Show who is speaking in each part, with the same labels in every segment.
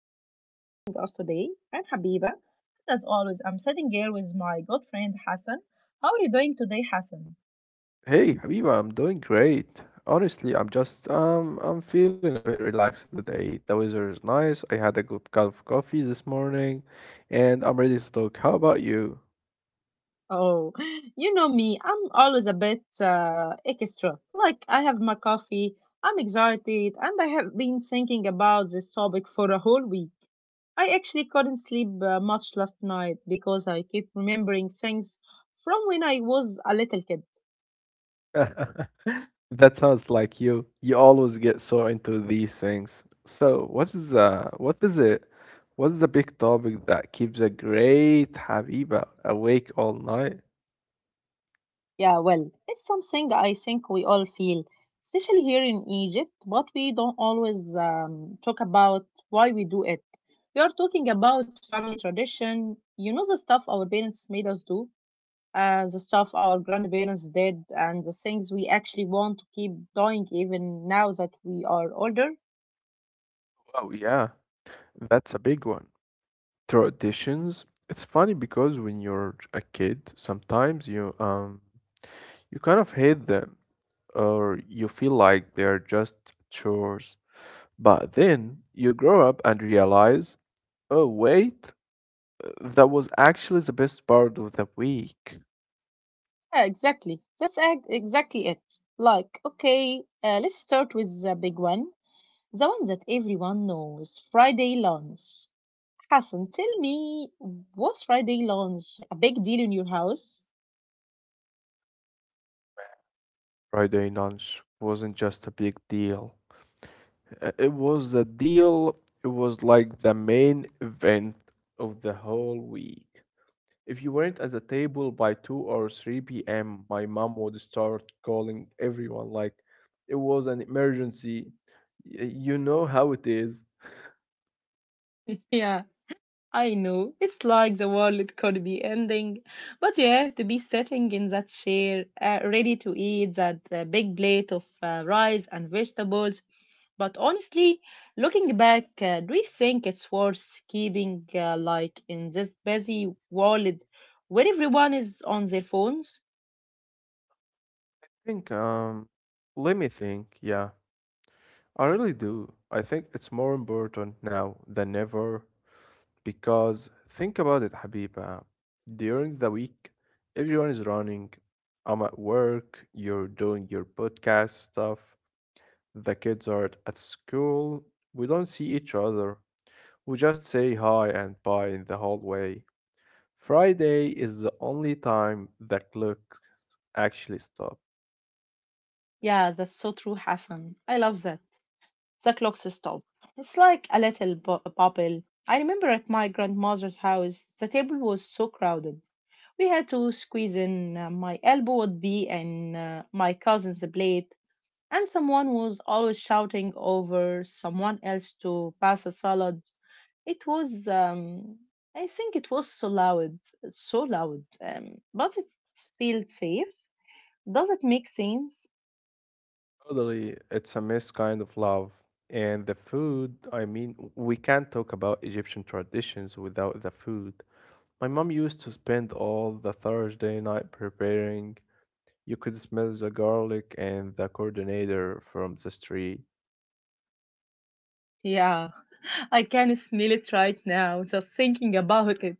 Speaker 1: happy you're joining us today. I'm Habiba, and as always, I'm sitting here with my good friend Hassan. How are you doing today, Hassan?
Speaker 2: Hey, Habiba, I'm doing great. Honestly, I'm just I'm feeling a bit relaxed today. The weather is nice. I had a good cup of coffee this morning, and I'm ready to talk. How about you?
Speaker 1: Oh, you know me. I'm always a bit extra. Like I have my coffee, I'm excited, and I have been thinking about this topic for a whole week. I actually couldn't sleep much last night because I keep remembering things from when I was a little kid.
Speaker 2: That sounds like you. You always get so into these things. So, what is it? What is the big topic that keeps a great Habiba awake all night?
Speaker 1: Yeah, well, it's something I think we all feel, especially here in Egypt, but we don't always talk about why we do it. We are talking about family tradition, you know, the stuff our parents made us do, the stuff our grandparents did, and the things we actually want to keep doing even now that we are older.
Speaker 2: Oh yeah, that's a big one. Traditions. It's funny because when you're a kid, sometimes you you kind of hate them, or you feel like they're just chores. But then you grow up and realize, oh wait, that was actually the best part of the week.
Speaker 1: Yeah, exactly. That's exactly it. Like, okay, let's start with the big one, the one that everyone knows Friday lunch. Hassan, tell me, was Friday lunch a big deal in your house?
Speaker 2: Friday lunch wasn't just a big deal. It was a deal, it was like the main event of the whole week. If you weren't at the table by 2 or 3 p.m., my mom would start calling everyone like it was an emergency. You know how it is.
Speaker 1: Yeah, I know. It's like the world could be ending, but you have to be sitting in that chair, ready to eat that big plate of rice and vegetables. But honestly, looking back, do you think it's worth keeping like in this busy world where everyone is on their phones?
Speaker 2: think, um, Let me think. Yeah, I really do. I think it's more important now than ever, because think about it, Habiba. During the week, everyone is running. I'm at work, you're doing your podcast stuff, the kids are at school. We don't see each other. We just say hi and bye in the hallway. Friday is the only time the clock actually stops.
Speaker 1: Yeah, that's so true, Hassan. I love that. The clock stopped. It's like a little bubble. I remember at my grandmother's house, the table was so crowded. We had to squeeze in. My elbow would be in my cousin's plate, and someone was always shouting over someone else to pass a salad. It was, I think it was so loud, so loud, but it felt safe. Does it make sense?
Speaker 2: Totally, it's a missed kind of love. And the food, I mean, we can't talk about Egyptian traditions without the food. My mom used to spend all the Thursday night preparing. You could smell the garlic and the coordinator from the street.
Speaker 1: Yeah, I can smell it right now, just thinking about it.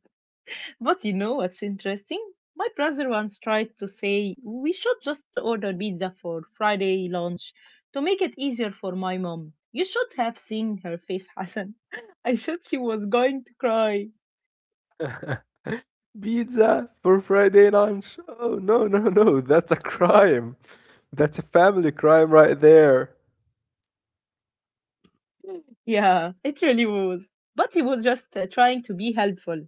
Speaker 1: But you know what's interesting? My brother once tried to say we should just order pizza for Friday lunch to make it easier for my mom. You should have seen her face, Hassan. I thought she was going to cry.
Speaker 2: Pizza for Friday lunch. Oh, no, no, no. That's a crime. That's a family crime right there.
Speaker 1: Yeah, it really was. But he was just trying to be helpful.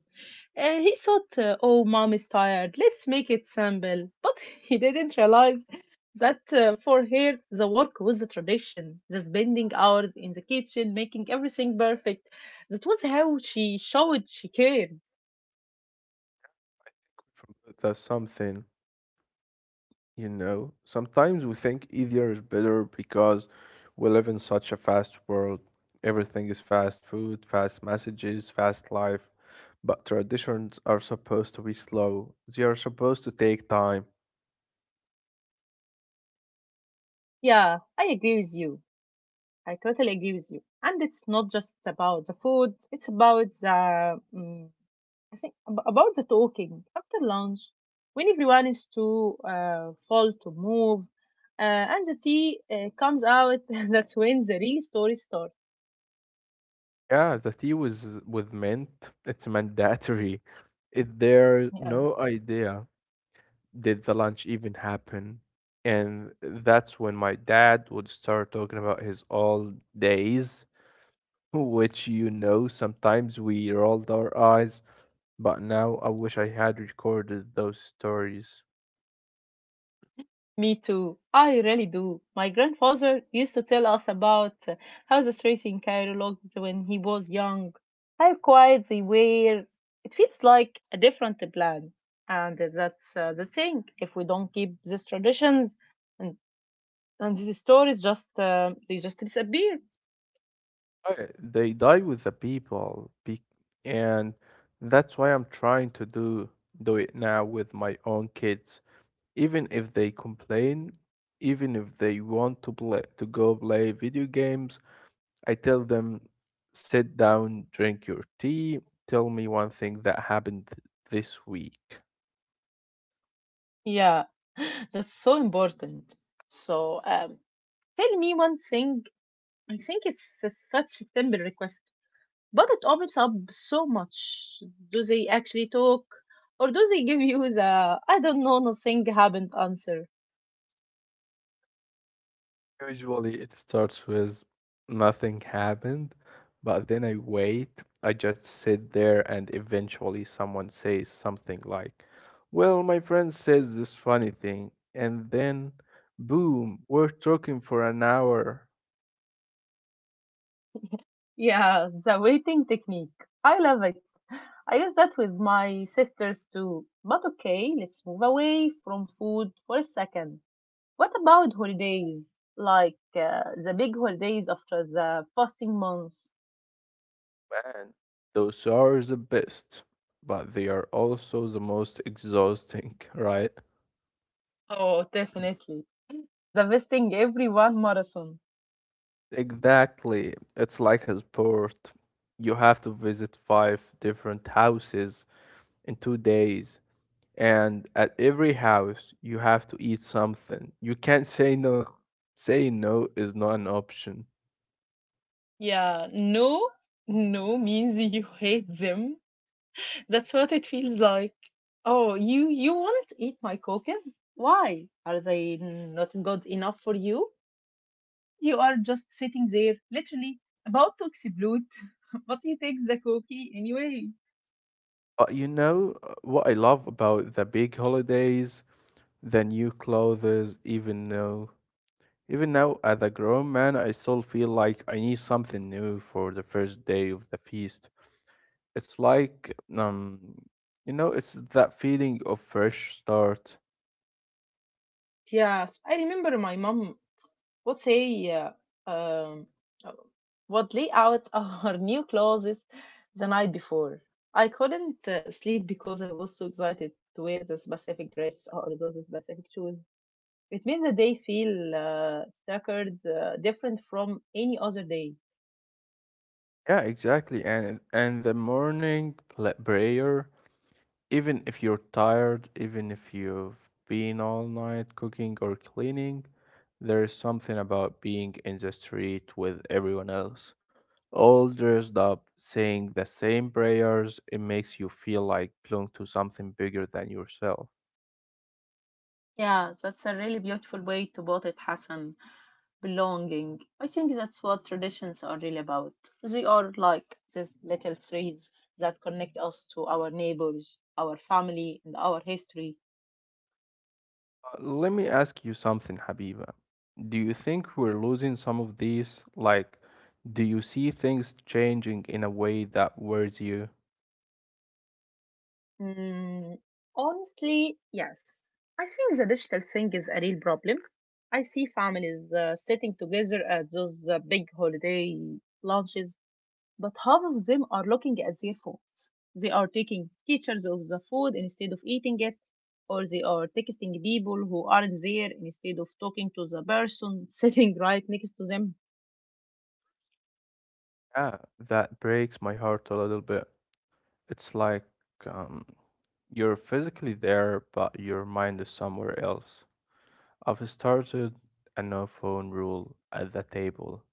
Speaker 1: He thought, oh, mom is tired, let's make it simple. But he didn't realize that for her, the work was a tradition. The spending hours in the kitchen, making everything perfect. That was how she showed she cared.
Speaker 2: That's something, you know. Sometimes we think easier is better because we live in such a fast world. Everything is fast food, fast messages, fast life. But traditions are supposed to be slow. They are supposed to take time.
Speaker 1: Yeah, I agree with you. I totally agree with you. And it's not just about the food, it's about the I think about the talking after lunch, when everyone is too full to move, and the tea comes out, that's when the real story starts.
Speaker 2: Yeah, the tea was with mint. It's mandatory. Is there
Speaker 1: Yeah.
Speaker 2: no idea? Did the lunch even happen? And that's when my dad would start talking about his old days, which, you know, sometimes we rolled our eyes, but now I wish I had recorded those stories.
Speaker 1: Me too. I really do. My grandfather used to tell us about how the streets in Cairo looked when he was young, how quiet they were. It feels like a different plan, and that's the thing. If we don't keep these traditions, and, and these stories just they just disappear.
Speaker 2: They die with the people, and that's why I'm trying to do it now with my own kids. Even if they complain, even if they want to play to go play video games, I tell them, sit down, drink your tea, tell me one thing that happened this week.
Speaker 1: Yeah, that's so important. So, tell me one thing. I think it's such a simple request, but it opens up so much. Do they actually talk, or do they give you the "I don't know, nothing happened" answer?
Speaker 2: Usually it starts with nothing happened, but then I wait. I just sit there, and eventually someone says something like, well, my friend says this funny thing. And then, boom, we're talking for an hour.
Speaker 1: Yeah, the waiting technique. I love it. I use that with my sisters too. But okay, let's move away from food for a second. What about holidays? Like the big holidays after the fasting months?
Speaker 2: Man, those are the best, but they are also the most exhausting, right?
Speaker 1: Oh, definitely. The visiting everyone marathon.
Speaker 2: Exactly. It's like a sport. You have to visit five different houses in 2 days, and at every house, you have to eat something. You can't say no. Saying no is not an option.
Speaker 1: Yeah, no, no means you hate them. That's what it feels like. Oh, you won't eat my cookies? Why? Are they not good enough for you? You are just sitting there, literally about to explode, but you take the cookie anyway.
Speaker 2: But you know, what I love about the big holidays, the new clothes, even now as a grown man, I still feel like I need something new for the first day of the feast. It's like, you know, it's that feeling of fresh start.
Speaker 1: Yes, I remember my mom What's say? Um, would lay out our new clothes the night before. I couldn't sleep because I was so excited to wear the specific dress or those specific shoes. It made the day feel sacred, different from any other day.
Speaker 2: Yeah, exactly. and the morning prayer, even if you're tired, even if you've been all night cooking or cleaning, there is something about being in the street with everyone else, all dressed up, saying the same prayers. It makes you feel like belong to something bigger than yourself.
Speaker 1: Yeah, that's a really beautiful way to put it, Hassan. Belonging. I think that's what traditions are really about. They are like these little threads that connect us to our neighbors, our family, and our history.
Speaker 2: Let me ask you something, Habiba. Do you think we're losing some of these? Like, do you see things changing in a way that worries you?
Speaker 1: Mm, honestly, yes. I think the digital thing is a real problem. I see families sitting together at those big holiday lunches but half of them are looking at their phones. They are taking pictures of the food instead of eating it, or they are texting people who aren't there instead of talking to the person sitting right next to them.
Speaker 2: Yeah, that breaks my heart a little bit. It's like, um, you're physically there, but your mind is somewhere else. I've started a no phone rule at the table.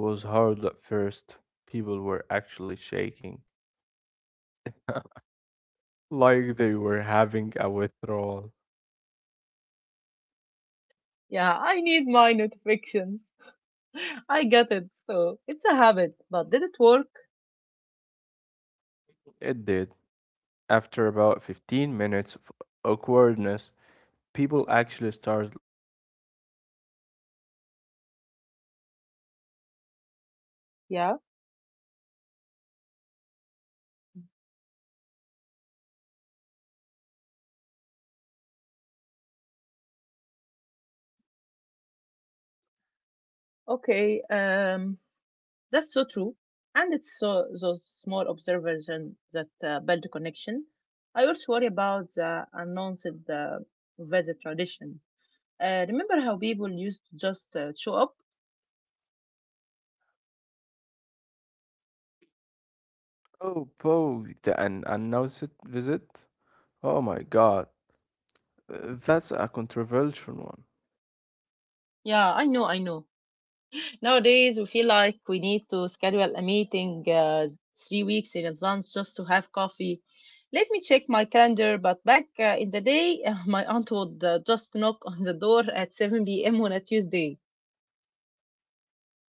Speaker 2: It was hard at first. People were actually shaking, like they were having a withdrawal.
Speaker 1: Yeah, I need my notifications. I got it. So it's a habit, but did it work?
Speaker 2: It did. After about 15 minutes of awkwardness, people actually start looking at each other. We start noticing things like, oh, you got a
Speaker 1: Yeah.
Speaker 2: new haircut, or wait, you look a bit tired, are you okay? You don't see those things when you're staring at the screen.
Speaker 1: Okay. That's so true. And it's so those small observations that build connection. I also worry about the announced visit tradition. Remember how people used to just show up?
Speaker 2: Oh, Bo, the an announced visit? Oh my god, that's a controversial one.
Speaker 1: Yeah, I know, I know. Nowadays, we feel like we need to schedule a meeting 3 weeks in advance just to have coffee. Let me check my calendar, but back in the day, my aunt would just knock on the door at 7 p.m. on a Tuesday.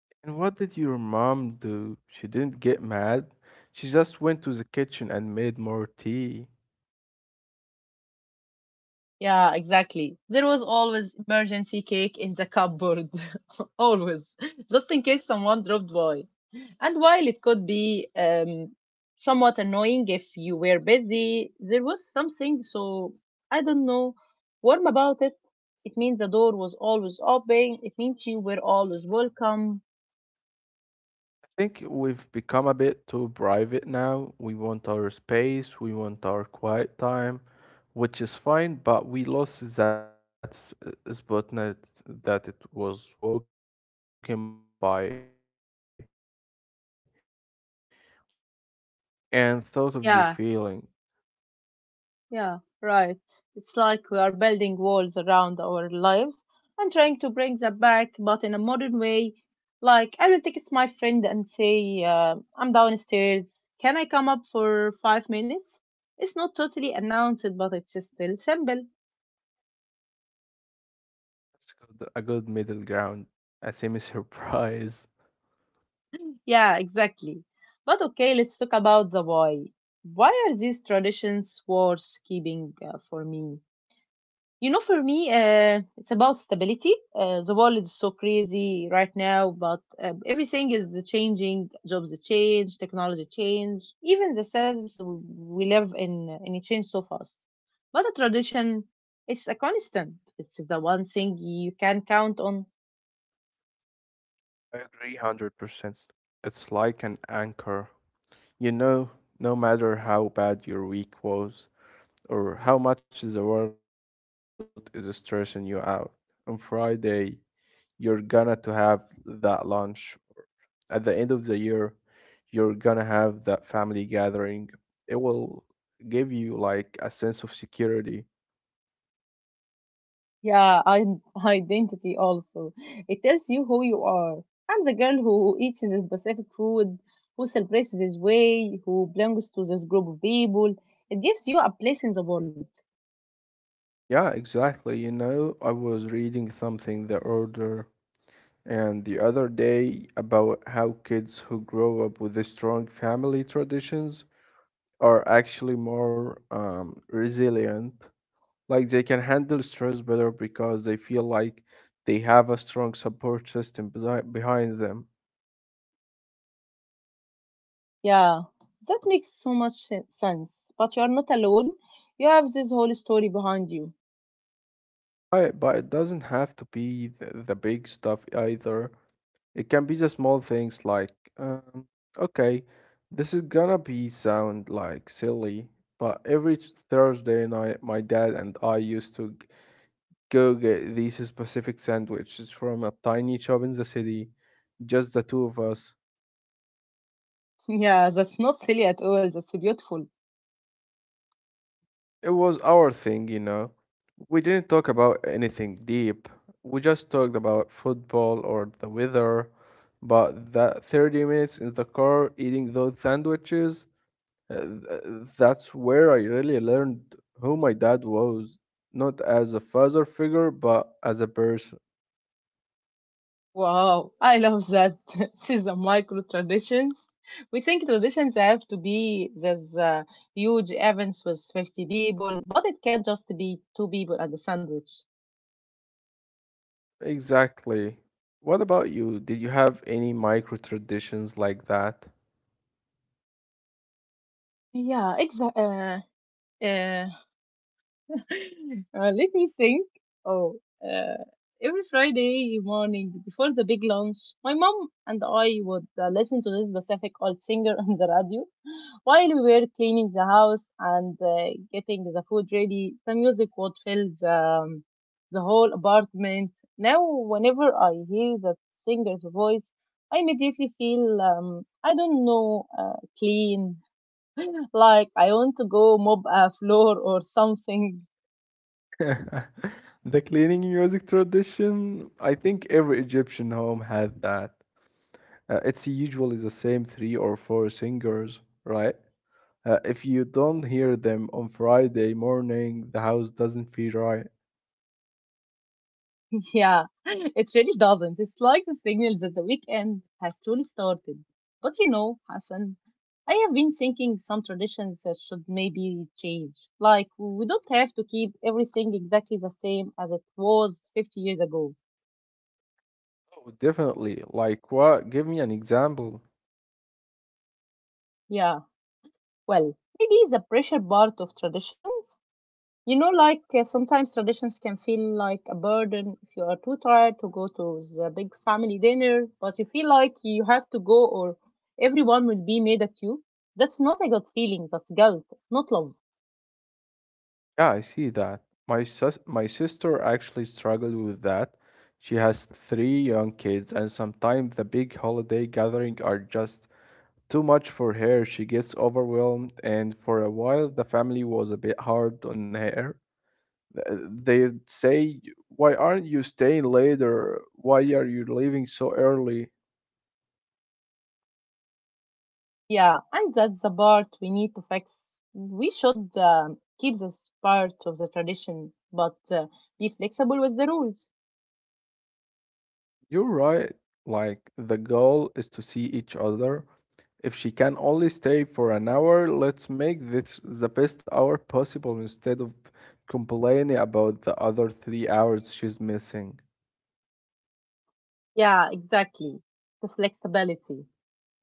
Speaker 2: And what did your mom do? She didn't get mad. She just went to the kitchen and made more tea.
Speaker 1: Yeah, exactly. There was always emergency cake in the cupboard. Always. Just in case someone dropped by. And while it could be somewhat annoying if you were busy, there was something so, I don't know, warm about it. It means the door was always open. It means you were always welcome.
Speaker 2: I think we've become a bit too private now. We want our space, we want our quiet time, which is fine, but we lost that spotnet that it was walking by and thought of you
Speaker 1: Yeah,
Speaker 2: feeling.
Speaker 1: Yeah, right. It's like we are building walls around our lives and trying to bring them back, but in a modern way. Like, I will text my friend and say, I'm downstairs. Can I come up for 5 minutes? It's not totally announced, but it's still simple.
Speaker 2: That's good, a good middle ground,
Speaker 1: Yeah,
Speaker 2: a semi
Speaker 1: exactly. But
Speaker 2: surprise.
Speaker 1: okay, let's talk about the why. Why are these traditions worth keeping for me? You know, for me, it's about stability. The world is so crazy right now, but everything is changing. Jobs change, technology change, even the cells we live in it change so fast. But a tradition is a constant. It's the one thing you can count on.
Speaker 2: I agree 100%. It's like an anchor. You know, no matter how bad your week was or how much the world is stressing you out, on Friday you're gonna to have that lunch. At the end of the year, you're gonna have that family gathering. It will give you like a sense of security.
Speaker 1: Yeah, I'm identity also. It tells you who you are. I'm the girl who eats this specific food, who celebrates this way, who belongs to this group of people. It gives you a place in the world.
Speaker 2: Yeah, exactly. You know, I was reading something the other day about how kids who grow up with strong family traditions are actually more resilient. Like they can handle stress better because they feel like they have a strong support system behind them.
Speaker 1: Yeah, that makes so much sense. But you are not alone. You have this whole story behind you.
Speaker 2: But it doesn't have to be the big stuff either. It can be the small things like, um, okay, this is gonna be sound like silly, but every Thursday night, my dad and I used to go get these specific sandwiches from a tiny shop in the city, just the two of us.
Speaker 1: Yeah, that's not silly at all. That's beautiful.
Speaker 2: It was our thing, you know. We didn't talk about anything deep. We just talked about football or the weather. But that 30 minutes in the car eating those sandwiches, that's where I really learned who my dad was. Not as a father figure, but as a person.
Speaker 1: Wow, I love that. This is a micro tradition. We think traditions have to be these huge events with 50 people, but it can just be two people and a sandwich.
Speaker 2: Exactly. What about you? Did you have any micro traditions like that?
Speaker 1: Yeah, exactly. Uh, Let me think. Oh, uh, every Friday morning before the big lunch, my mom and I would listen to this Pacific old singer on the radio. While we were cleaning the house and getting the food ready, the music would fill the whole apartment. Now, whenever I hear that singer's voice, I immediately feel, I don't know, clean, like I want to go mop a floor or something.
Speaker 2: The cleaning music tradition, I think every Egyptian home had that. It's usually the same three or four singers, right? If you don't hear them on Friday morning, the house doesn't feel right.
Speaker 1: Yeah, it really doesn't. It's like the signal that the weekend has truly started. But you know, Hassan, I have been thinking some traditions that should maybe change. Like, we don't have to keep everything exactly the same as it was 50 years ago.
Speaker 2: Oh, definitely. Like what? Give me an example.
Speaker 1: Yeah, well, maybe the pressure part of traditions. You know, like sometimes traditions can feel like a burden if you are too tired to go to the big family dinner, but you feel like you have to go or everyone will be mad at you. That's not a good feeling, that's guilt, not love.
Speaker 2: Yeah, I see that. My sister actually struggled with that. She has three young kids, and sometimes the big holiday gathering are just too much for her. She gets overwhelmed, and for a while the family was a bit hard on her. Th- They'd say, "Why aren't you staying later? Why are you leaving so early?"
Speaker 1: Yeah, and that's the part we need to fix. We should keep this part of the tradition, but be flexible with the rules.
Speaker 2: You're right. Like, the goal is to see each other. If she can only stay for an hour, let's make this the best hour possible instead of complaining about the other 3 hours she's missing.
Speaker 1: Yeah, exactly. The flexibility.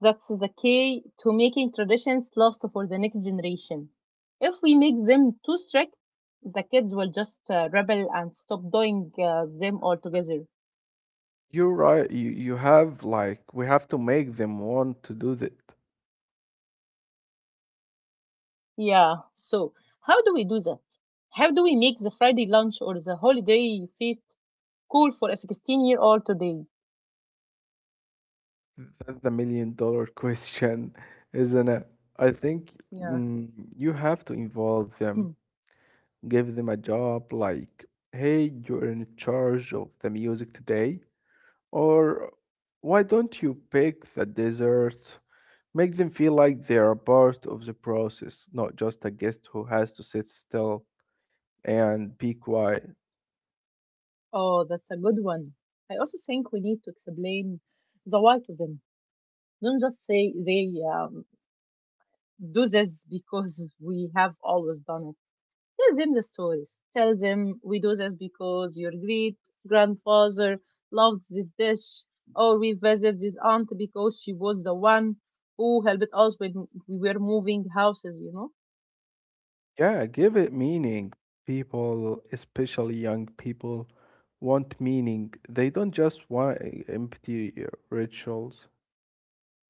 Speaker 1: That's the key to making traditions last for the next generation. If we make them too strict, the kids will just rebel and stop doing them altogether.
Speaker 2: You're right. You have, like, we have to make them want to do that.
Speaker 1: Yeah, so how do we do that? How do we make the Friday lunch or the holiday feast cool for a 16-year-old today?
Speaker 2: That's the million dollar question, isn't it? I think,
Speaker 1: Yeah.
Speaker 2: mm, you have to involve them,
Speaker 1: Hmm.
Speaker 2: give them a job, like, hey, you're in charge of the music today. Or why don't you pick the dessert? Make them feel like they are part of the process, not just a guest who has to sit still and be quiet.
Speaker 1: Oh, that's a good one. I also think we need to explain the why to them. Don't just say they do this because we have always done it. Tell them the stories. Tell them we do this because your great grandfather loved this dish, or we visit this aunt because she was the one who helped us when we were moving houses, you know?
Speaker 2: Yeah, give it meaning. People, especially young people, want meaning. They don't just want empty rituals.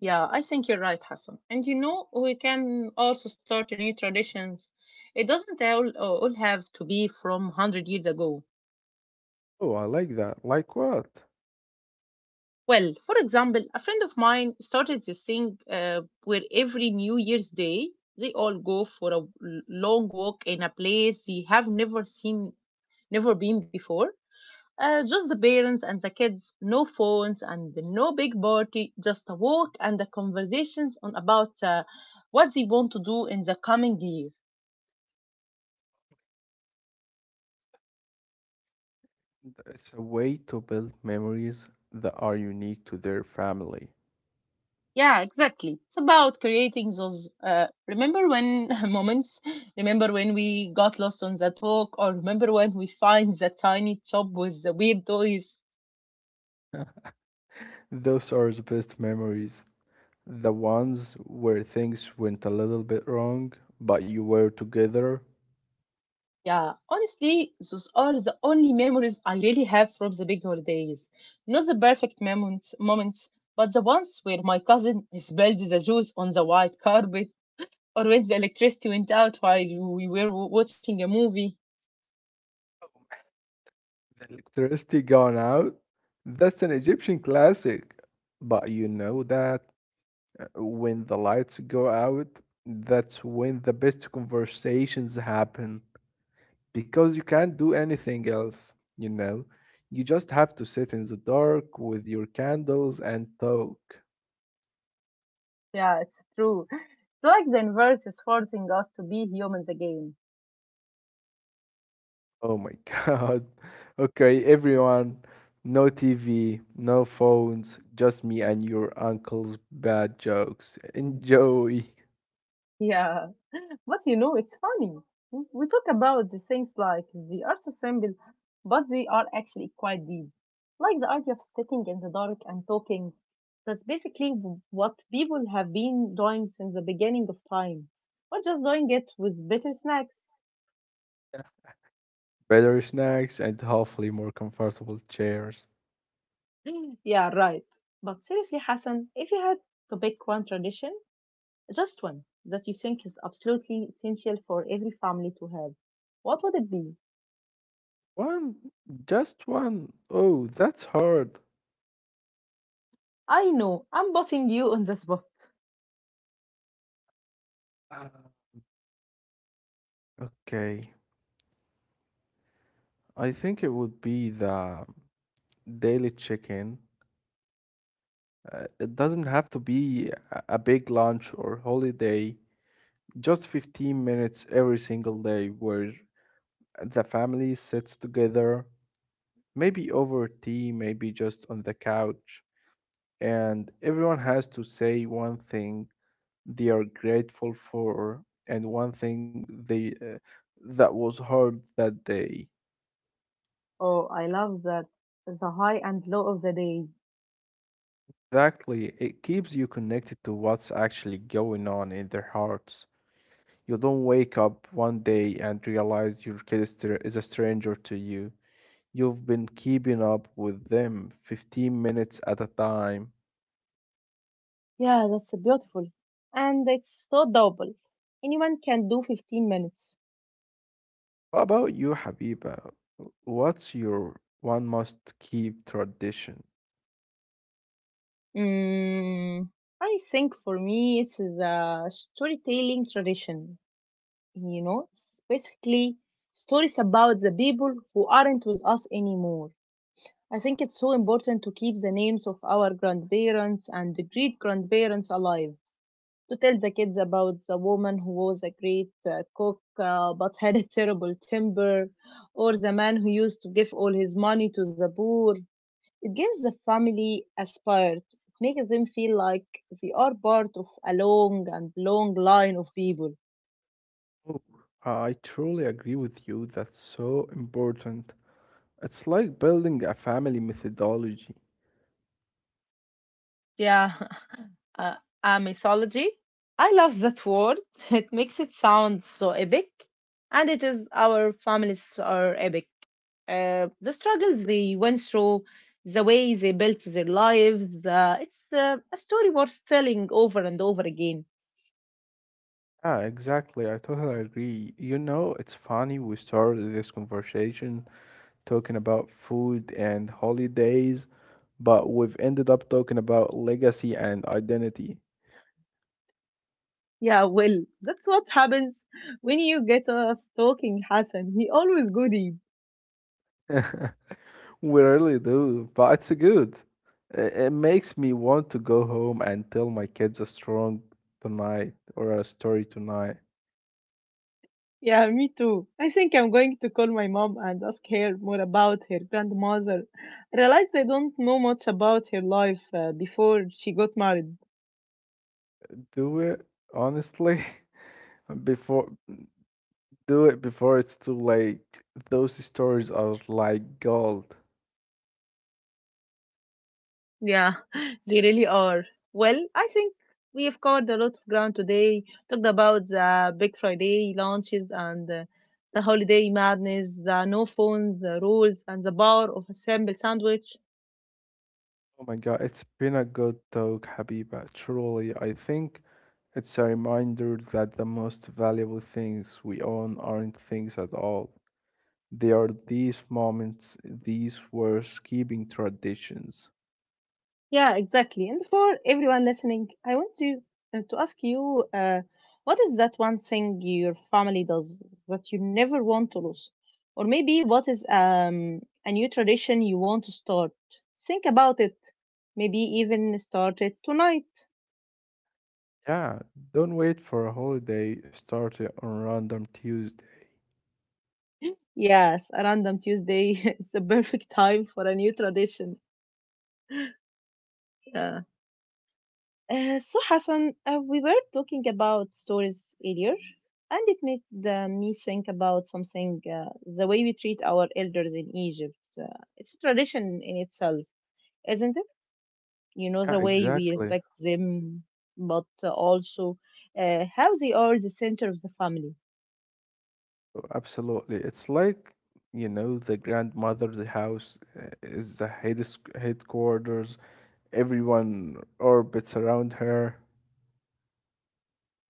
Speaker 1: Yeah, I think you're right, Hassan. And you know, we can also start new traditions. It doesn't all have to be from 100 years ago.
Speaker 2: Oh, I like that. Like what?
Speaker 1: Well, for example, a friend of mine started this thing where every New Year's Day they all go for a long walk in a place they have never seen, never been before. Just the parents and the kids, no phones and no big party, just a walk and the conversations on about what they want to do in the coming year.
Speaker 2: It's a way to build memories that are unique to their family.
Speaker 1: Yeah, exactly. It's about creating those. Remember when moments? Remember when we got lost on that walk, or remember when we find that tiny shop with the weird toys?
Speaker 2: Those are the best memories. The ones where things went a little bit wrong, but you were together.
Speaker 1: Yeah, honestly, those are the only memories I really have from the big holidays. Not the perfect moments, but the ones where my cousin spilled the juice on the white carpet, or when the electricity went out while we were watching a movie.
Speaker 2: The electricity gone out. That's an Egyptian classic. But you know that, when the lights go out, that's when the best conversations happen because you can't do anything else, you know. You just have to sit in the dark with your candles and talk.
Speaker 1: Yeah, it's true. It's like the universe is forcing us to be humans again.
Speaker 2: Oh my God. Okay, everyone, no TV, no phones, just me and your uncle's bad jokes. Enjoy.
Speaker 1: Yeah, but you know, it's funny. We talk about the things like they are so simple, but they are actually quite deep. Like the idea of sitting in the dark and talking. That's basically what people have been doing since the beginning of time. We're just doing it with better snacks.
Speaker 2: Better snacks and hopefully more comfortable chairs.
Speaker 1: Yeah, right. But seriously, Hassan, if you had to pick one tradition. Just one that you think is absolutely essential for every family to have. What would it be?
Speaker 2: One, just one. Oh, that's hard.
Speaker 1: I know, I'm putting you on the spot.
Speaker 2: Uh, Okay, I think it would be the daily check-in. It doesn't have to be a big lunch or holiday, just 15 minutes every single day where the family sits together, maybe over tea, maybe just on the couch, and everyone has to say one thing they are grateful for and one thing they that was heard that day.
Speaker 1: Oh, I love that. The high and low of the day.
Speaker 2: Exactly, it keeps you connected to what's actually going on in their hearts. You don't wake up one day and realize your kid is a stranger to you. You've been keeping up with them 15 minutes at a time.
Speaker 1: Yeah, that's beautiful. And it's so doable. Anyone can do 15 minutes.
Speaker 2: What about you, Habiba? What's your one must keep tradition?
Speaker 1: Mm, I think for me it's the storytelling tradition, you know, specifically stories about the people who aren't with us anymore. I think it's so important to keep the names of our grandparents and great grandparents alive, to tell the kids about the woman who was a great cook but had a terrible temper, or the man who used to give all his money to the poor. It gives the family a spirit. It makes them feel like they are part of a long and long line of people.
Speaker 2: Oh, I truly agree with you. That's so important. It's like building a family methodology.
Speaker 1: Yeah, uh, a mythology. I love that word. It makes it sound so epic, and it is, our families are epic. The struggles they went through, the way they built their lives. It's a story worth telling over and over again.
Speaker 2: Yeah, exactly. I totally agree. You know, it's funny we started this conversation talking about food and holidays, but we've ended up talking about legacy and identity.
Speaker 1: Yeah, well, that's what happens when you get us talking, Hassan. He always goody.
Speaker 2: We really do, but it's good. I- It makes me want to go home and tell my kids a strong tonight or a story tonight.
Speaker 1: Yeah, me too. I think I'm going to call my mom and ask her more about her grandmother. I realized I don't know much about her life before she got married.
Speaker 2: Do it honestly before do it before it's too late. Those stories are like gold.
Speaker 1: Yeah, they really are. Well, I think we have covered a lot of ground today. Talked about the Big Friday launches and the holiday madness, the no phones the rules, and the power of a simple sandwich.
Speaker 2: Oh my God, it's been a good talk, Habiba. Truly, I think it's a reminder that the most valuable things we own aren't things at all. They are these moments, these words keeping traditions.
Speaker 1: Yeah, exactly. And for everyone listening, I want to ask you, what is that one thing your family does that you never want to lose, or maybe what is a new tradition you want to start? Think about it. Maybe even start it tonight.
Speaker 2: Yeah, don't wait for a holiday, start it on random Tuesday.
Speaker 1: Yes, a random Tuesday is the perfect time for a new tradition. Uh, so Hassan, we were talking about stories earlier, and it made me think about something: the way we treat our elders in Egypt. It's a tradition in itself, isn't it? You know,
Speaker 2: Yeah,
Speaker 1: the way we
Speaker 2: exactly.
Speaker 1: respect them, but also how they are the center of the family.
Speaker 2: Oh, absolutely. It's like, you know, the grandmother's house is the headquarters. Everyone orbits around her.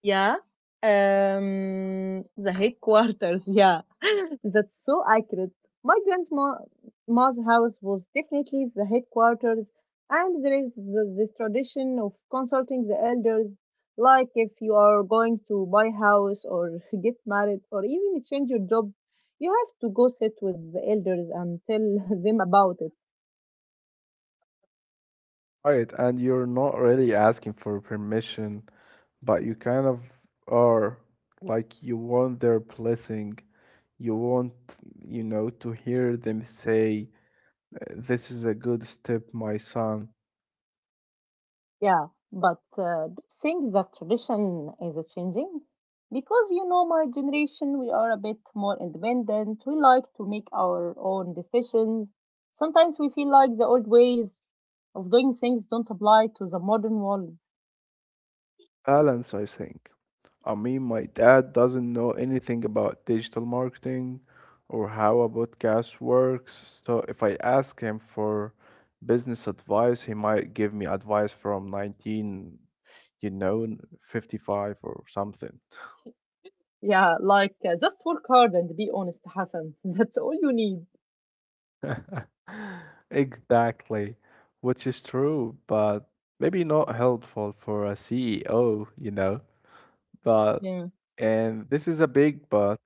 Speaker 1: Yeah. The headquarters. Yeah, that's so accurate. My grandma's house was definitely the headquarters, and there is this tradition of consulting the elders. Like if you are going to buy a house or get married or even change your job, you have to go sit with the elders and tell them about it.
Speaker 2: Right, and you're not really asking for permission, but you kind of are, like you want their blessing. You want, you know, to hear them say, "This is a good step, my son."
Speaker 1: Yeah, but do you think that tradition is changing? Because you know, my generation, we are a bit more independent. We like to make our own decisions. Sometimes we feel like the old ways of doing things don't apply to the modern world.
Speaker 2: Balance, I think. I mean, my dad doesn't know anything about digital marketing or how a podcast works. So if I ask him for business advice, he might give me advice from 19, you know, 55 or something.
Speaker 1: Yeah, like just work hard and be honest, Hassan. That's all you need.
Speaker 2: Exactly, which is true, but maybe not helpful for a CEO. But,
Speaker 1: Yeah,
Speaker 2: and this is a big but,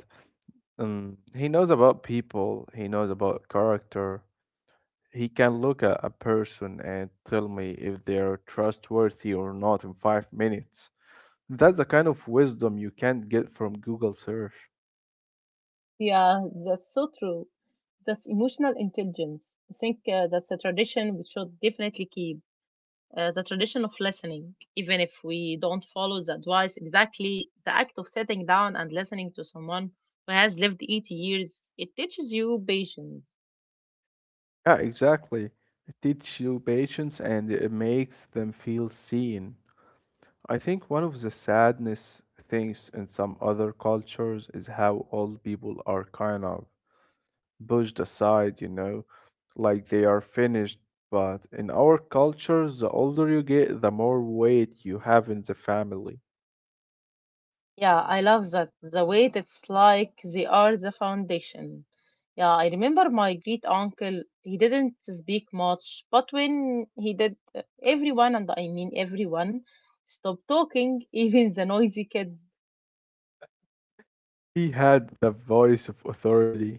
Speaker 2: he knows about people, he knows about character. He can look at a person and tell me if they're trustworthy or not in 5 minutes. That's the kind of wisdom you can't get from Google search.
Speaker 1: yeah, that's so true. That's emotional intelligence. I think that's a tradition we should definitely keep. The tradition of listening, even if we don't follow the advice exactly, the act of sitting down and listening to someone who has lived 80 years, it teaches you patience.
Speaker 2: Yeah, exactly. It teaches you patience and it makes them feel seen. I think one of the sadness things in some other cultures is how old people are kind of pushed aside, you know, like they are finished. But in our culture, the older you get, the more weight you have in the family.
Speaker 1: Yeah, I love that. The weight, it's like they are the foundation. Yeah, I remember my great uncle, he didn't speak much, but when he did, everyone, and I mean everyone, stopped talking, even the noisy kids.
Speaker 2: He had the voice of authority.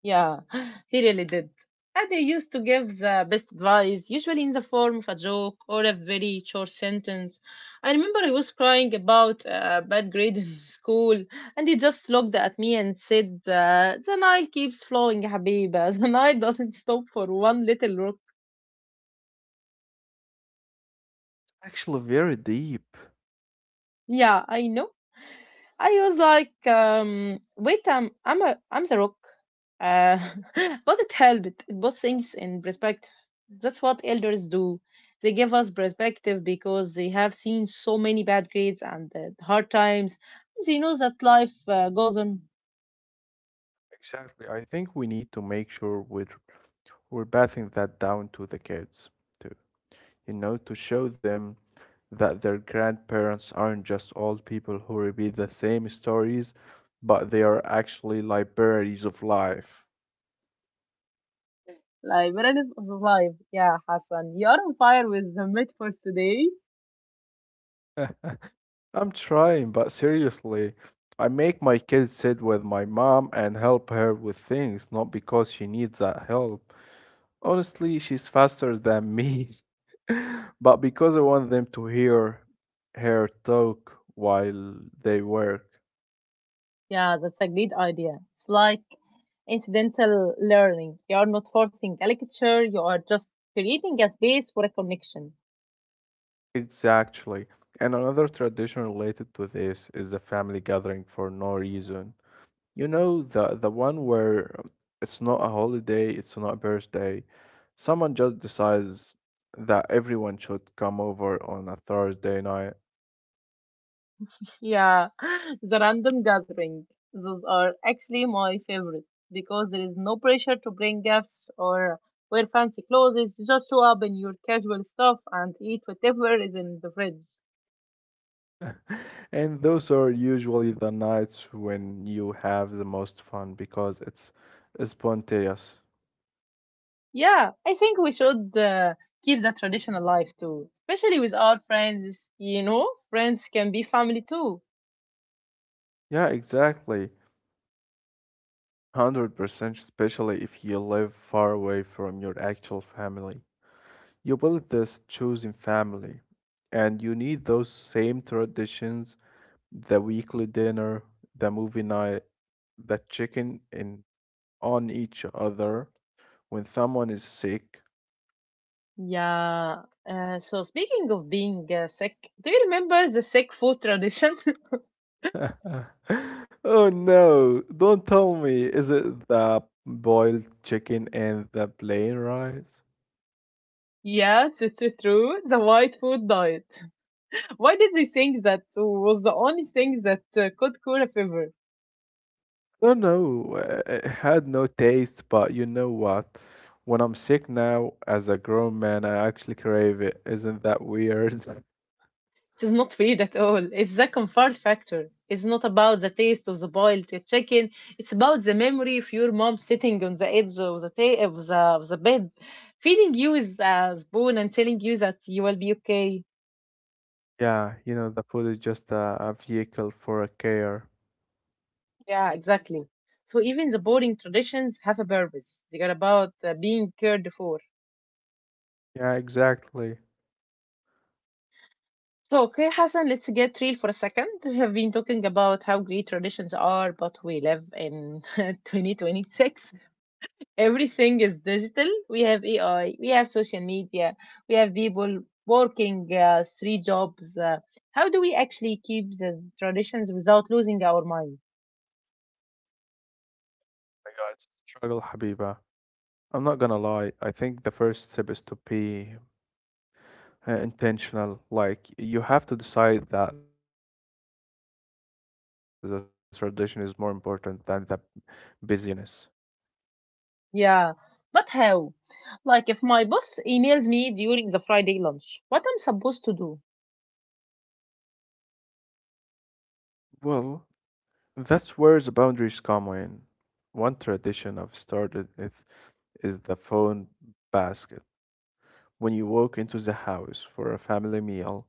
Speaker 1: Yeah, he really did. And he used to give the best advice, usually in the form of a joke or a very short sentence. I remember I was crying about a bad grade in school, and he just looked at me and said, the Nile keeps flowing, Habiba. The Nile doesn't stop for one little rock.
Speaker 2: Actually, very deep.
Speaker 1: Yeah, I know. I was like, wait, I'm the rock, uh, but it helped. It puts things in perspective. That's what elders do. They give us perspective because they have seen so many bad grades and hard times. They know that life goes on.
Speaker 2: Exactly. I think we need to make sure we're passing that down to the kids too. You know, to show them that their grandparents aren't just old people who repeat the same stories, but they are actually libraries of life.
Speaker 1: Life, relevance of life. Yeah, Hassan, you are on fire with the metaphors today.
Speaker 2: I'm trying, but seriously, I make my kids sit with my mom and help her with things, not because she needs that help. Honestly, she's faster than me, but because I want them to hear her talk while they work.
Speaker 1: Yeah, that's a great idea. It's like incidental learning. You are not forcing a lecture, you are just creating a space for a connection.
Speaker 2: Exactly. And another tradition related to this is the family gathering for no reason. You know, the one where it's not a holiday, it's not a birthday. Someone just decides that everyone should come over on a Thursday night.
Speaker 1: Yeah, the random gathering. Those are actually my favorite because there is no pressure to bring gifts or wear fancy clothes. You just show up in your casual stuff and eat whatever is in the fridge.
Speaker 2: And those are usually the nights when you have the most fun because it's spontaneous.
Speaker 1: Yeah, I think we should keep that tradition alive too, especially with our friends. You know, friends can be family too.
Speaker 2: Yeah, exactly. 100%, especially if you live far away from your actual family. You build this chosen family, and you need those same traditions: the weekly dinner, the movie night, the checking in on each other when someone is sick.
Speaker 1: Yeah. So speaking of being sick, do you remember the sick food tradition?
Speaker 2: Oh no, don't tell me. Is it the boiled chicken and the plain rice?
Speaker 1: Yes, it's true. The white food diet. Why did they think that was the only thing that could cure a fever?
Speaker 2: Don't know. It had no taste, but you know what? When I'm sick now, as a grown man, I actually crave it. Isn't that weird?
Speaker 1: It's not weird at all. It's the comfort factor. It's not about the taste of the boiled chicken. It's about the memory of your mom sitting on the edge of the of the bed, feeding you with a spoon and telling you that you will be okay.
Speaker 2: Yeah, you know, the food is just a vehicle for a care.
Speaker 1: Yeah, exactly. So even the boring traditions have a purpose. They are about being cared for.
Speaker 2: Yeah, exactly.
Speaker 1: So, okay, Hassan, let's get real for a second. We have been talking about how great traditions are, but we live in 2026. Everything is digital. We have AI, we have social media, we have people working three jobs. How do we actually keep these traditions without losing our mind?
Speaker 2: My God, struggle, Habiba. I'm not gonna lie. I think the first step is to be intentional. Like you have to decide that the tradition is more important than the busyness.
Speaker 1: Yeah, but how? Like, if my boss emails me during the Friday lunch, what I'm supposed to do?
Speaker 2: Well, that's where the boundaries come in. One tradition I've started with is the phone basket. When you walk into the house for a family meal,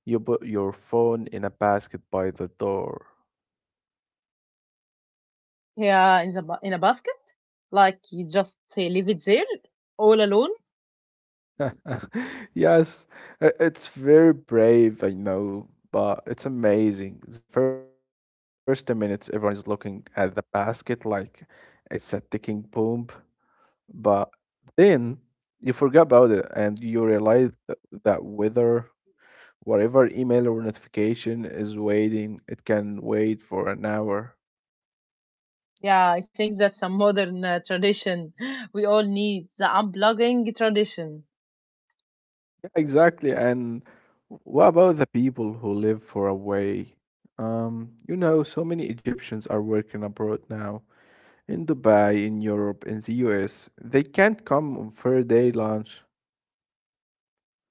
Speaker 2: you put your phone in a basket by the door.
Speaker 1: Yeah, in the in a basket? Like, you just leave it there, all alone?
Speaker 2: Yes, it's very brave, I know, but it's amazing. The first 10 minutes, everyone is looking at the basket like it's a ticking bomb, but then you forget about it and you realize that whether whatever email or notification is waiting, it can wait for an hour.
Speaker 1: Yeah, I think that's a modern tradition. We all need the unplugging tradition.
Speaker 2: Exactly. And what about the people who live far away? You know, so many Egyptians are working abroad now, in Dubai, in Europe, in the US. They can't come on fair day lunch.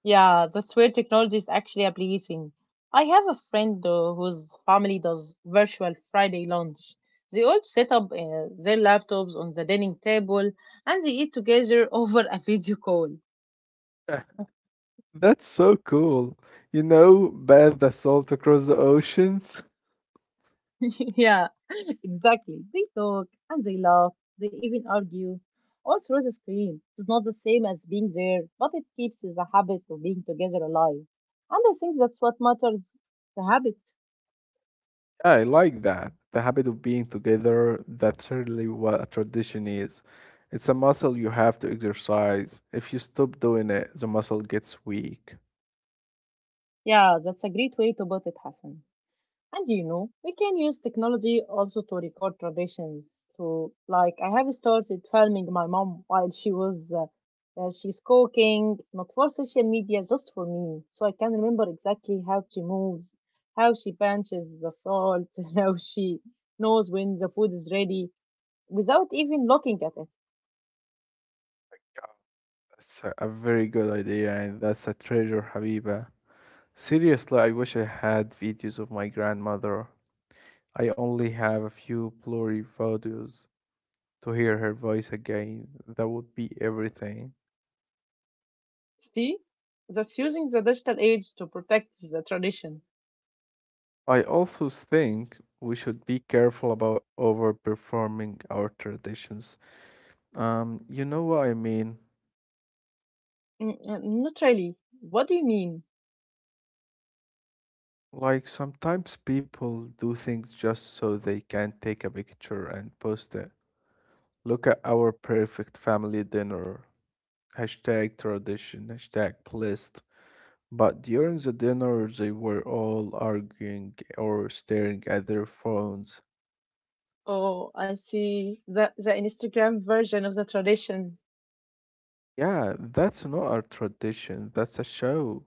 Speaker 1: Yeah, that's where technology is actually a blessing. I have a friend though whose family does virtual Friday lunch. They all set up their laptops on the dining table and they eat together over a video call.
Speaker 2: That's so cool. You know, bathe the salt across the oceans.
Speaker 1: Yeah, exactly. They talk and they laugh. They even argue all through the screen. It's not the same as being there, but it keeps the habit of being together alive. And I think that's what matters, the habit.
Speaker 2: Yeah, I like that. The habit of being together, that's really what a tradition is. It's a muscle you have to exercise. If you stop doing it, the muscle gets weak.
Speaker 1: Yeah, that's a great way to put it, Hassan. And you know, we can use technology also to record traditions. So, like, I have started filming my mom while she's cooking, not for social media, just for me, so I can remember exactly how she moves, how she punches the salt, how she knows when the food is ready without even looking at it.
Speaker 2: That's a very good idea, and that's a treasure, Habiba. Seriously, I wish I had videos of my grandmother. I only have a few blurry photos. To hear her voice again, that would be everything.
Speaker 1: See, that's using the digital age to protect the tradition.
Speaker 2: I also think we should be careful about overperforming our traditions. You know what I mean?
Speaker 1: Mm, not really. What do you mean?
Speaker 2: Like sometimes people do things just so they can take a picture and post it. Look at our perfect family dinner. Hashtag tradition, hashtag blessed. But during the dinner, they were all arguing or staring at their phones.
Speaker 1: Oh, I see. The Instagram version of the tradition.
Speaker 2: Yeah, that's not a tradition, that's a show.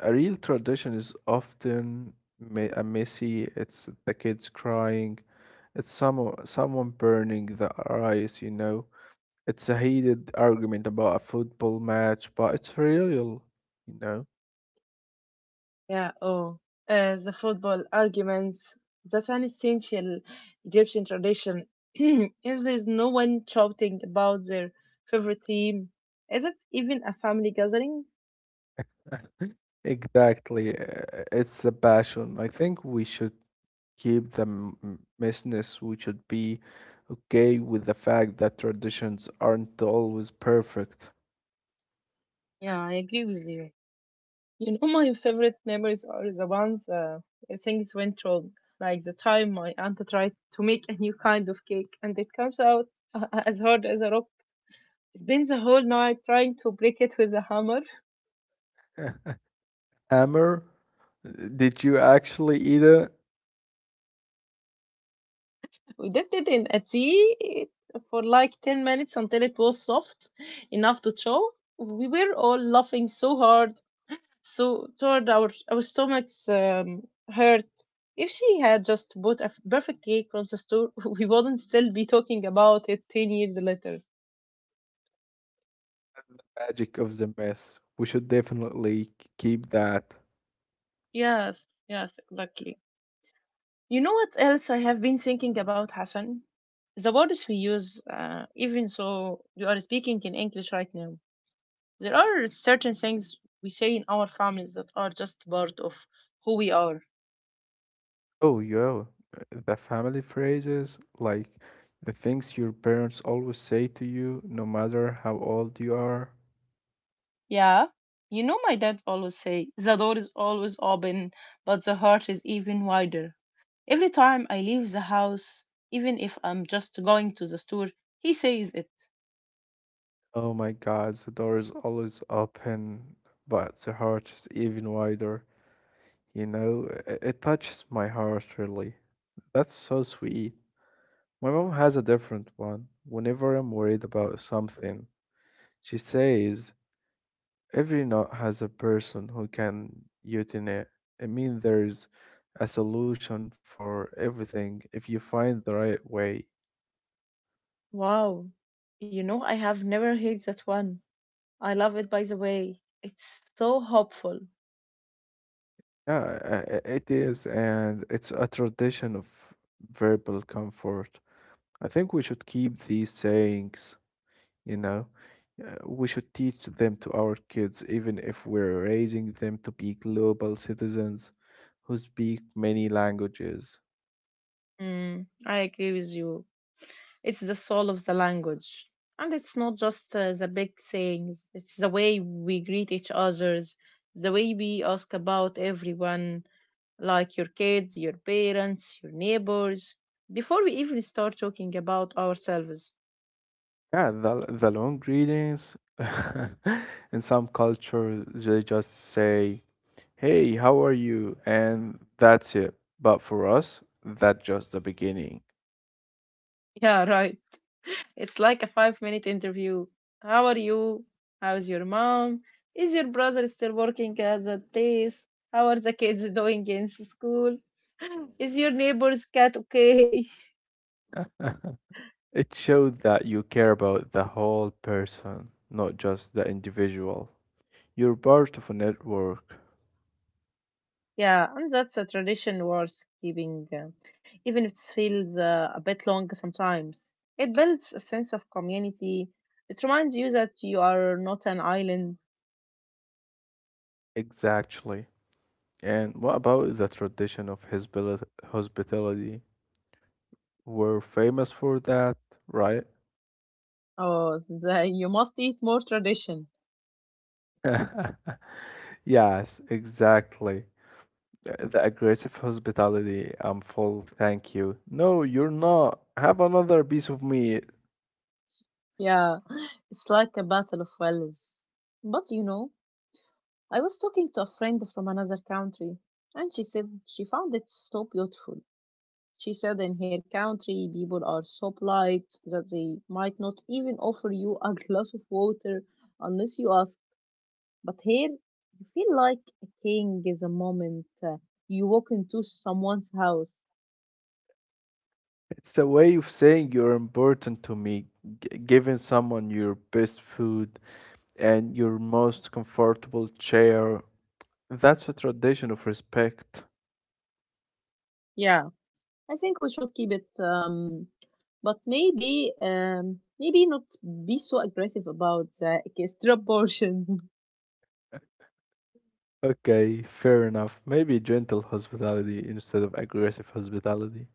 Speaker 2: A real tradition is often a messy, it's the kids crying, it's someone burning the rice, you know. It's a heated argument about a football match, but it's real, you know.
Speaker 1: Yeah. Oh, the football arguments. That's an essential Egyptian tradition. If there is no one shouting about their favorite team, is it even a family gathering?
Speaker 2: Exactly. It's a passion. I think we should keep the business. We should be okay with the fact that traditions aren't always perfect.
Speaker 1: Yeah, I agree with you. You know, my favorite memories are the ones where things went wrong, like the time my aunt tried to make a new kind of cake and it comes out as hard as a rock. Spent the whole night trying to break it with a hammer.
Speaker 2: Hammer, did you actually eat it?
Speaker 1: We dipped it in a tea for like 10 minutes until it was soft enough to chew. We were all laughing so hard, so toward our stomachs hurt. If she had just bought a perfect cake from the store, we wouldn't still be talking about it 10 years later.
Speaker 2: Magic of the mess. We should definitely keep that.
Speaker 1: Yes, yes, exactly. You know what else I have been thinking about, Hassan? The words we use, even so you are speaking in English right now. There are certain things we say in our families that are just part of who we are.
Speaker 2: Oh, yo, the family phrases, like the things your parents always say to you, no matter how old you are.
Speaker 1: Yeah. You know my dad always say, the door is always open, but the heart is even wider. Every time I leave the house, even if I'm just going to the store, he says it.
Speaker 2: Oh my God, the door is always open, but the heart is even wider. You know, it touches my heart really. That's so sweet. My mom has a different one. Whenever I'm worried about something, she says, "Every knot has a person who can in it." I mean, there's a solution for everything if you find the right way.
Speaker 1: Wow. You know, I have never heard that one. I love it, by the way. It's so hopeful.
Speaker 2: Yeah, it is, and it's a tradition of verbal comfort. I think we should keep these sayings, you know. We should teach them to our kids, even if we're raising them to be global citizens who speak many languages.
Speaker 1: Mm, I agree with you. It's the soul of the language. And it's not just the big sayings, it's the way we greet each others, the way we ask about everyone, like your kids, your parents, your neighbors, before we even start talking about ourselves.
Speaker 2: Yeah, the long greetings in some cultures, they just say, "Hey, how are you?" And that's it. But for us, that's just the beginning.
Speaker 1: Yeah, right. It's like a 5 minute interview. How are you? How's your mom? Is your brother still working at the place? How are the kids doing in school? Is your neighbor's cat okay?
Speaker 2: It showed that you care about the whole person, not just the individual. You're part of a network.
Speaker 1: Yeah, and that's a tradition worth keeping, even if it feels a bit long sometimes. It builds a sense of community. It reminds you that you are not an island.
Speaker 2: Exactly. And what about the tradition of hospitality? We're famous for that, right?
Speaker 1: Oh, the you must eat more tradition.
Speaker 2: Yes, exactly. The aggressive hospitality. I'm full, thank you. No, you're not. Have another piece of meat.
Speaker 1: Yeah, it's like a battle of wills. But you know, I was talking to a friend from another country, and she said she found it so beautiful. She said in her country, people are so polite that they might not even offer you a glass of water unless you ask. But here, you feel like a king is a moment you walk into someone's house.
Speaker 2: It's a way of saying you're important to me, giving someone your best food and your most comfortable chair. That's a tradition of respect.
Speaker 1: Yeah. I think we should keep it, but maybe maybe not be so aggressive about the extra portion.
Speaker 2: Okay, fair enough. Maybe gentle hospitality instead of aggressive hospitality.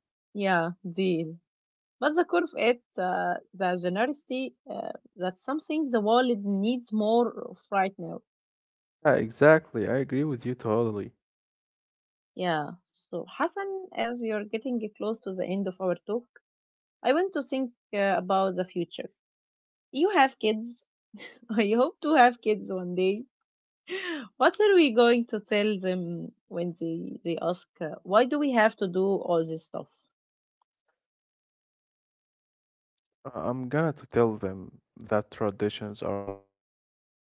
Speaker 1: Yeah, deal. But the curve it the generosity that's something the world needs more of right now.
Speaker 2: Yeah, exactly. I agree with you totally.
Speaker 1: Yeah. So Hassan, as we are getting close to the end of our talk, I want to think about the future. You have kids. I hope to have kids one day. What are we going to tell them when they ask, why do we have to do all this stuff?
Speaker 2: I'm gonna to tell them that traditions are like a map.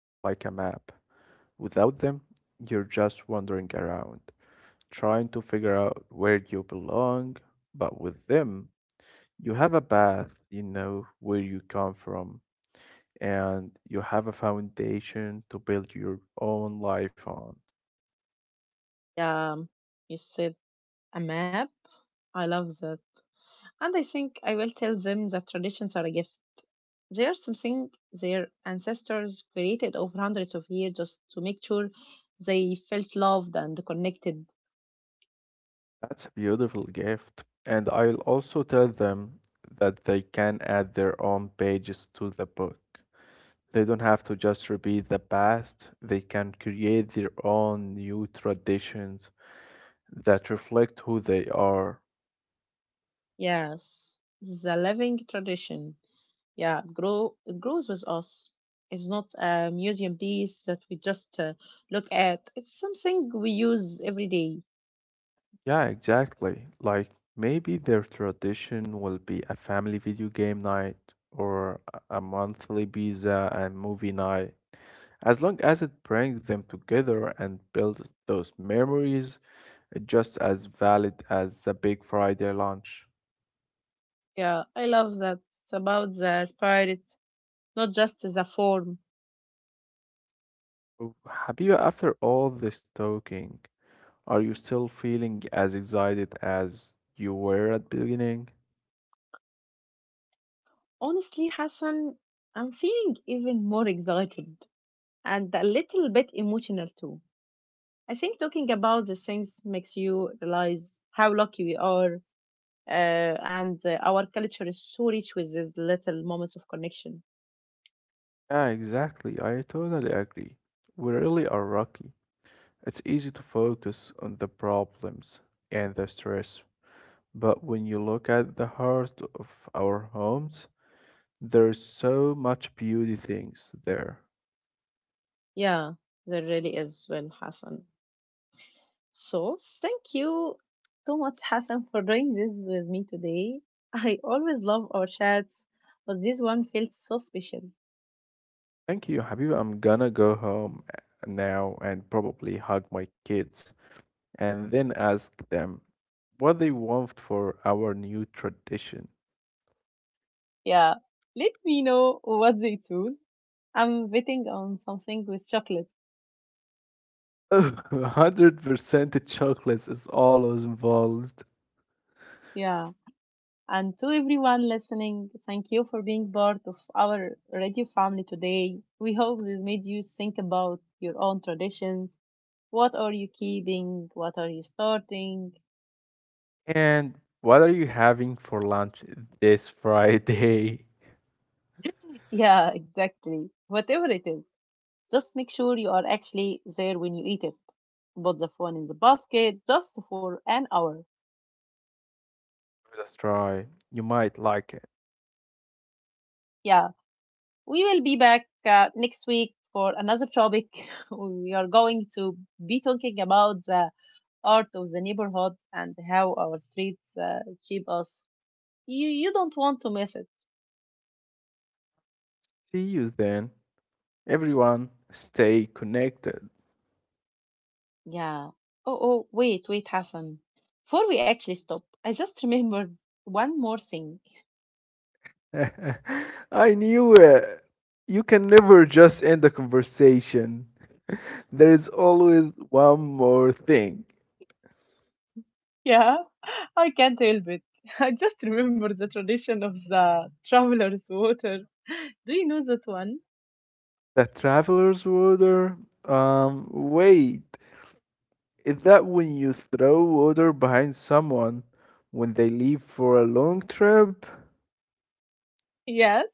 Speaker 2: Without them, you're just wandering around, trying to figure out where you belong. But with them, you have a path, you know where you come from, and you have a foundation to build your own life on.
Speaker 1: Yeah, you said a map. I love that. And I think I will tell them that traditions are a gift. They are something their ancestors created over hundreds of years just to make sure they felt loved and connected.
Speaker 2: That's a beautiful gift. And I'll also tell them that they can add their own pages to the book. They don't have to just repeat the past, they can create their own new traditions that reflect who they are.
Speaker 1: Yes, the living tradition. Yeah, it grows with us. It's not a museum piece that we just look at. It's something we use every day.
Speaker 2: Yeah, exactly. Like maybe their tradition will be a family video game night or a monthly pizza and movie night. As long as it brings them together and builds those memories, just as valid as the Big Friday lunch.
Speaker 1: Yeah, I love that. It's about the spirit, not just the form.
Speaker 2: Oh, Habiba, after all this talking, are you still feeling as excited as you were at the beginning?
Speaker 1: Honestly, Hassan, I'm feeling even more excited and a little bit emotional too. I think talking about the things makes you realize how lucky we are, and our culture is so rich with these little moments of connection.
Speaker 2: Yeah, exactly. I totally agree. We really are lucky. It's easy to focus on the problems and the stress, but when you look at the heart of our homes, there's so much beauty things there.
Speaker 1: Yeah, there really is, well, Hassan. So, thank you so much, Hassan, for doing this with me today. I always love our chats, but this one felt so special.
Speaker 2: Thank you, Habiba. I'm gonna go home now and probably hug my kids and then ask them what they want for our new tradition.
Speaker 1: Yeah, let me know what they choose. I'm betting on something with chocolate.
Speaker 2: 100% chocolates is always involved.
Speaker 1: Yeah. And to everyone listening, thank you for being part of our radio family today. We hope this made you think about your own traditions. What are you keeping? What are you starting?
Speaker 2: And what are you having for lunch this Friday?
Speaker 1: Yeah, exactly. Whatever it is, just make sure you are actually there when you eat it. Put the phone in the basket just for an hour.
Speaker 2: Give it a try. You might like it.
Speaker 1: Yeah, we will be back next week for another topic. We are going to be talking about the art of the neighborhood and how our streets shape us. You don't want to miss it.
Speaker 2: See you then. Everyone, stay connected.
Speaker 1: Yeah. Oh, wait, Hassan. Before we actually stop, I just remembered one more thing.
Speaker 2: I knew it. You can never just end the conversation. There is always one more thing.
Speaker 1: Yeah, I can't help it. I just remember the tradition of the traveler's water. Do you know that one?
Speaker 2: The traveler's water? Wait. Is that when you throw water behind someone when they leave for a long trip?
Speaker 1: Yes,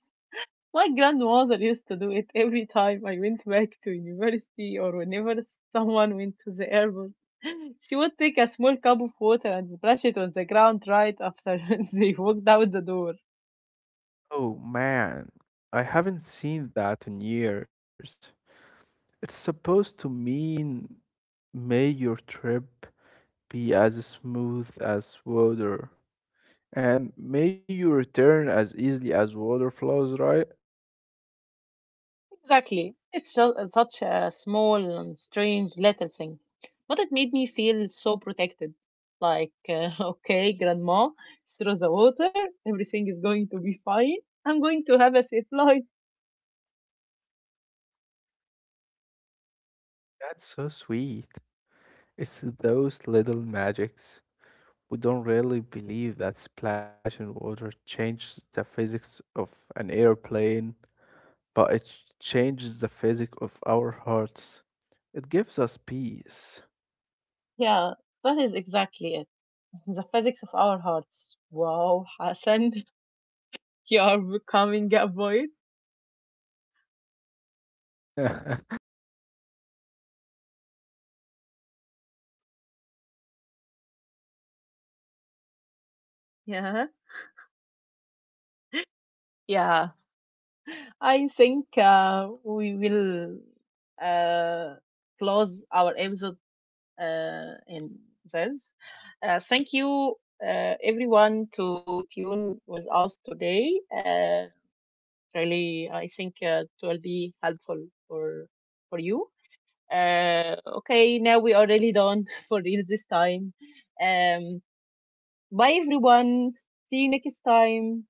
Speaker 1: my grandmother used to do it every time I went back to university or whenever someone went to the airport. She would take a small cup of water and splash it on the ground right after they walked out the door.
Speaker 2: Oh man, I haven't seen that in years. It's supposed to mean may your trip be as smooth as water, and may you return as easily as water flows, right?
Speaker 1: Exactly. It's just such a small and strange little thing. But it made me feel so protected. Like, okay, grandma, throw the water. Everything is going to be fine. I'm going to have a safe life.
Speaker 2: That's so sweet. It's those little magics. We don't really believe that splashing water changes the physics of an airplane, but it changes the physics of our hearts. It gives us peace.
Speaker 1: Yeah, that is exactly it. The physics of our hearts. Wow, Hassan, you are becoming a boy.
Speaker 2: It is the tea. The mint is really working its magic today.
Speaker 1: Yeah. Yeah. I think we will uh, close our episode in this. Thank you, everyone, to tune with us today. Really, I think it will be helpful for you. Okay, now we are really done for real this time. Um, Bye, everyone. See you next time.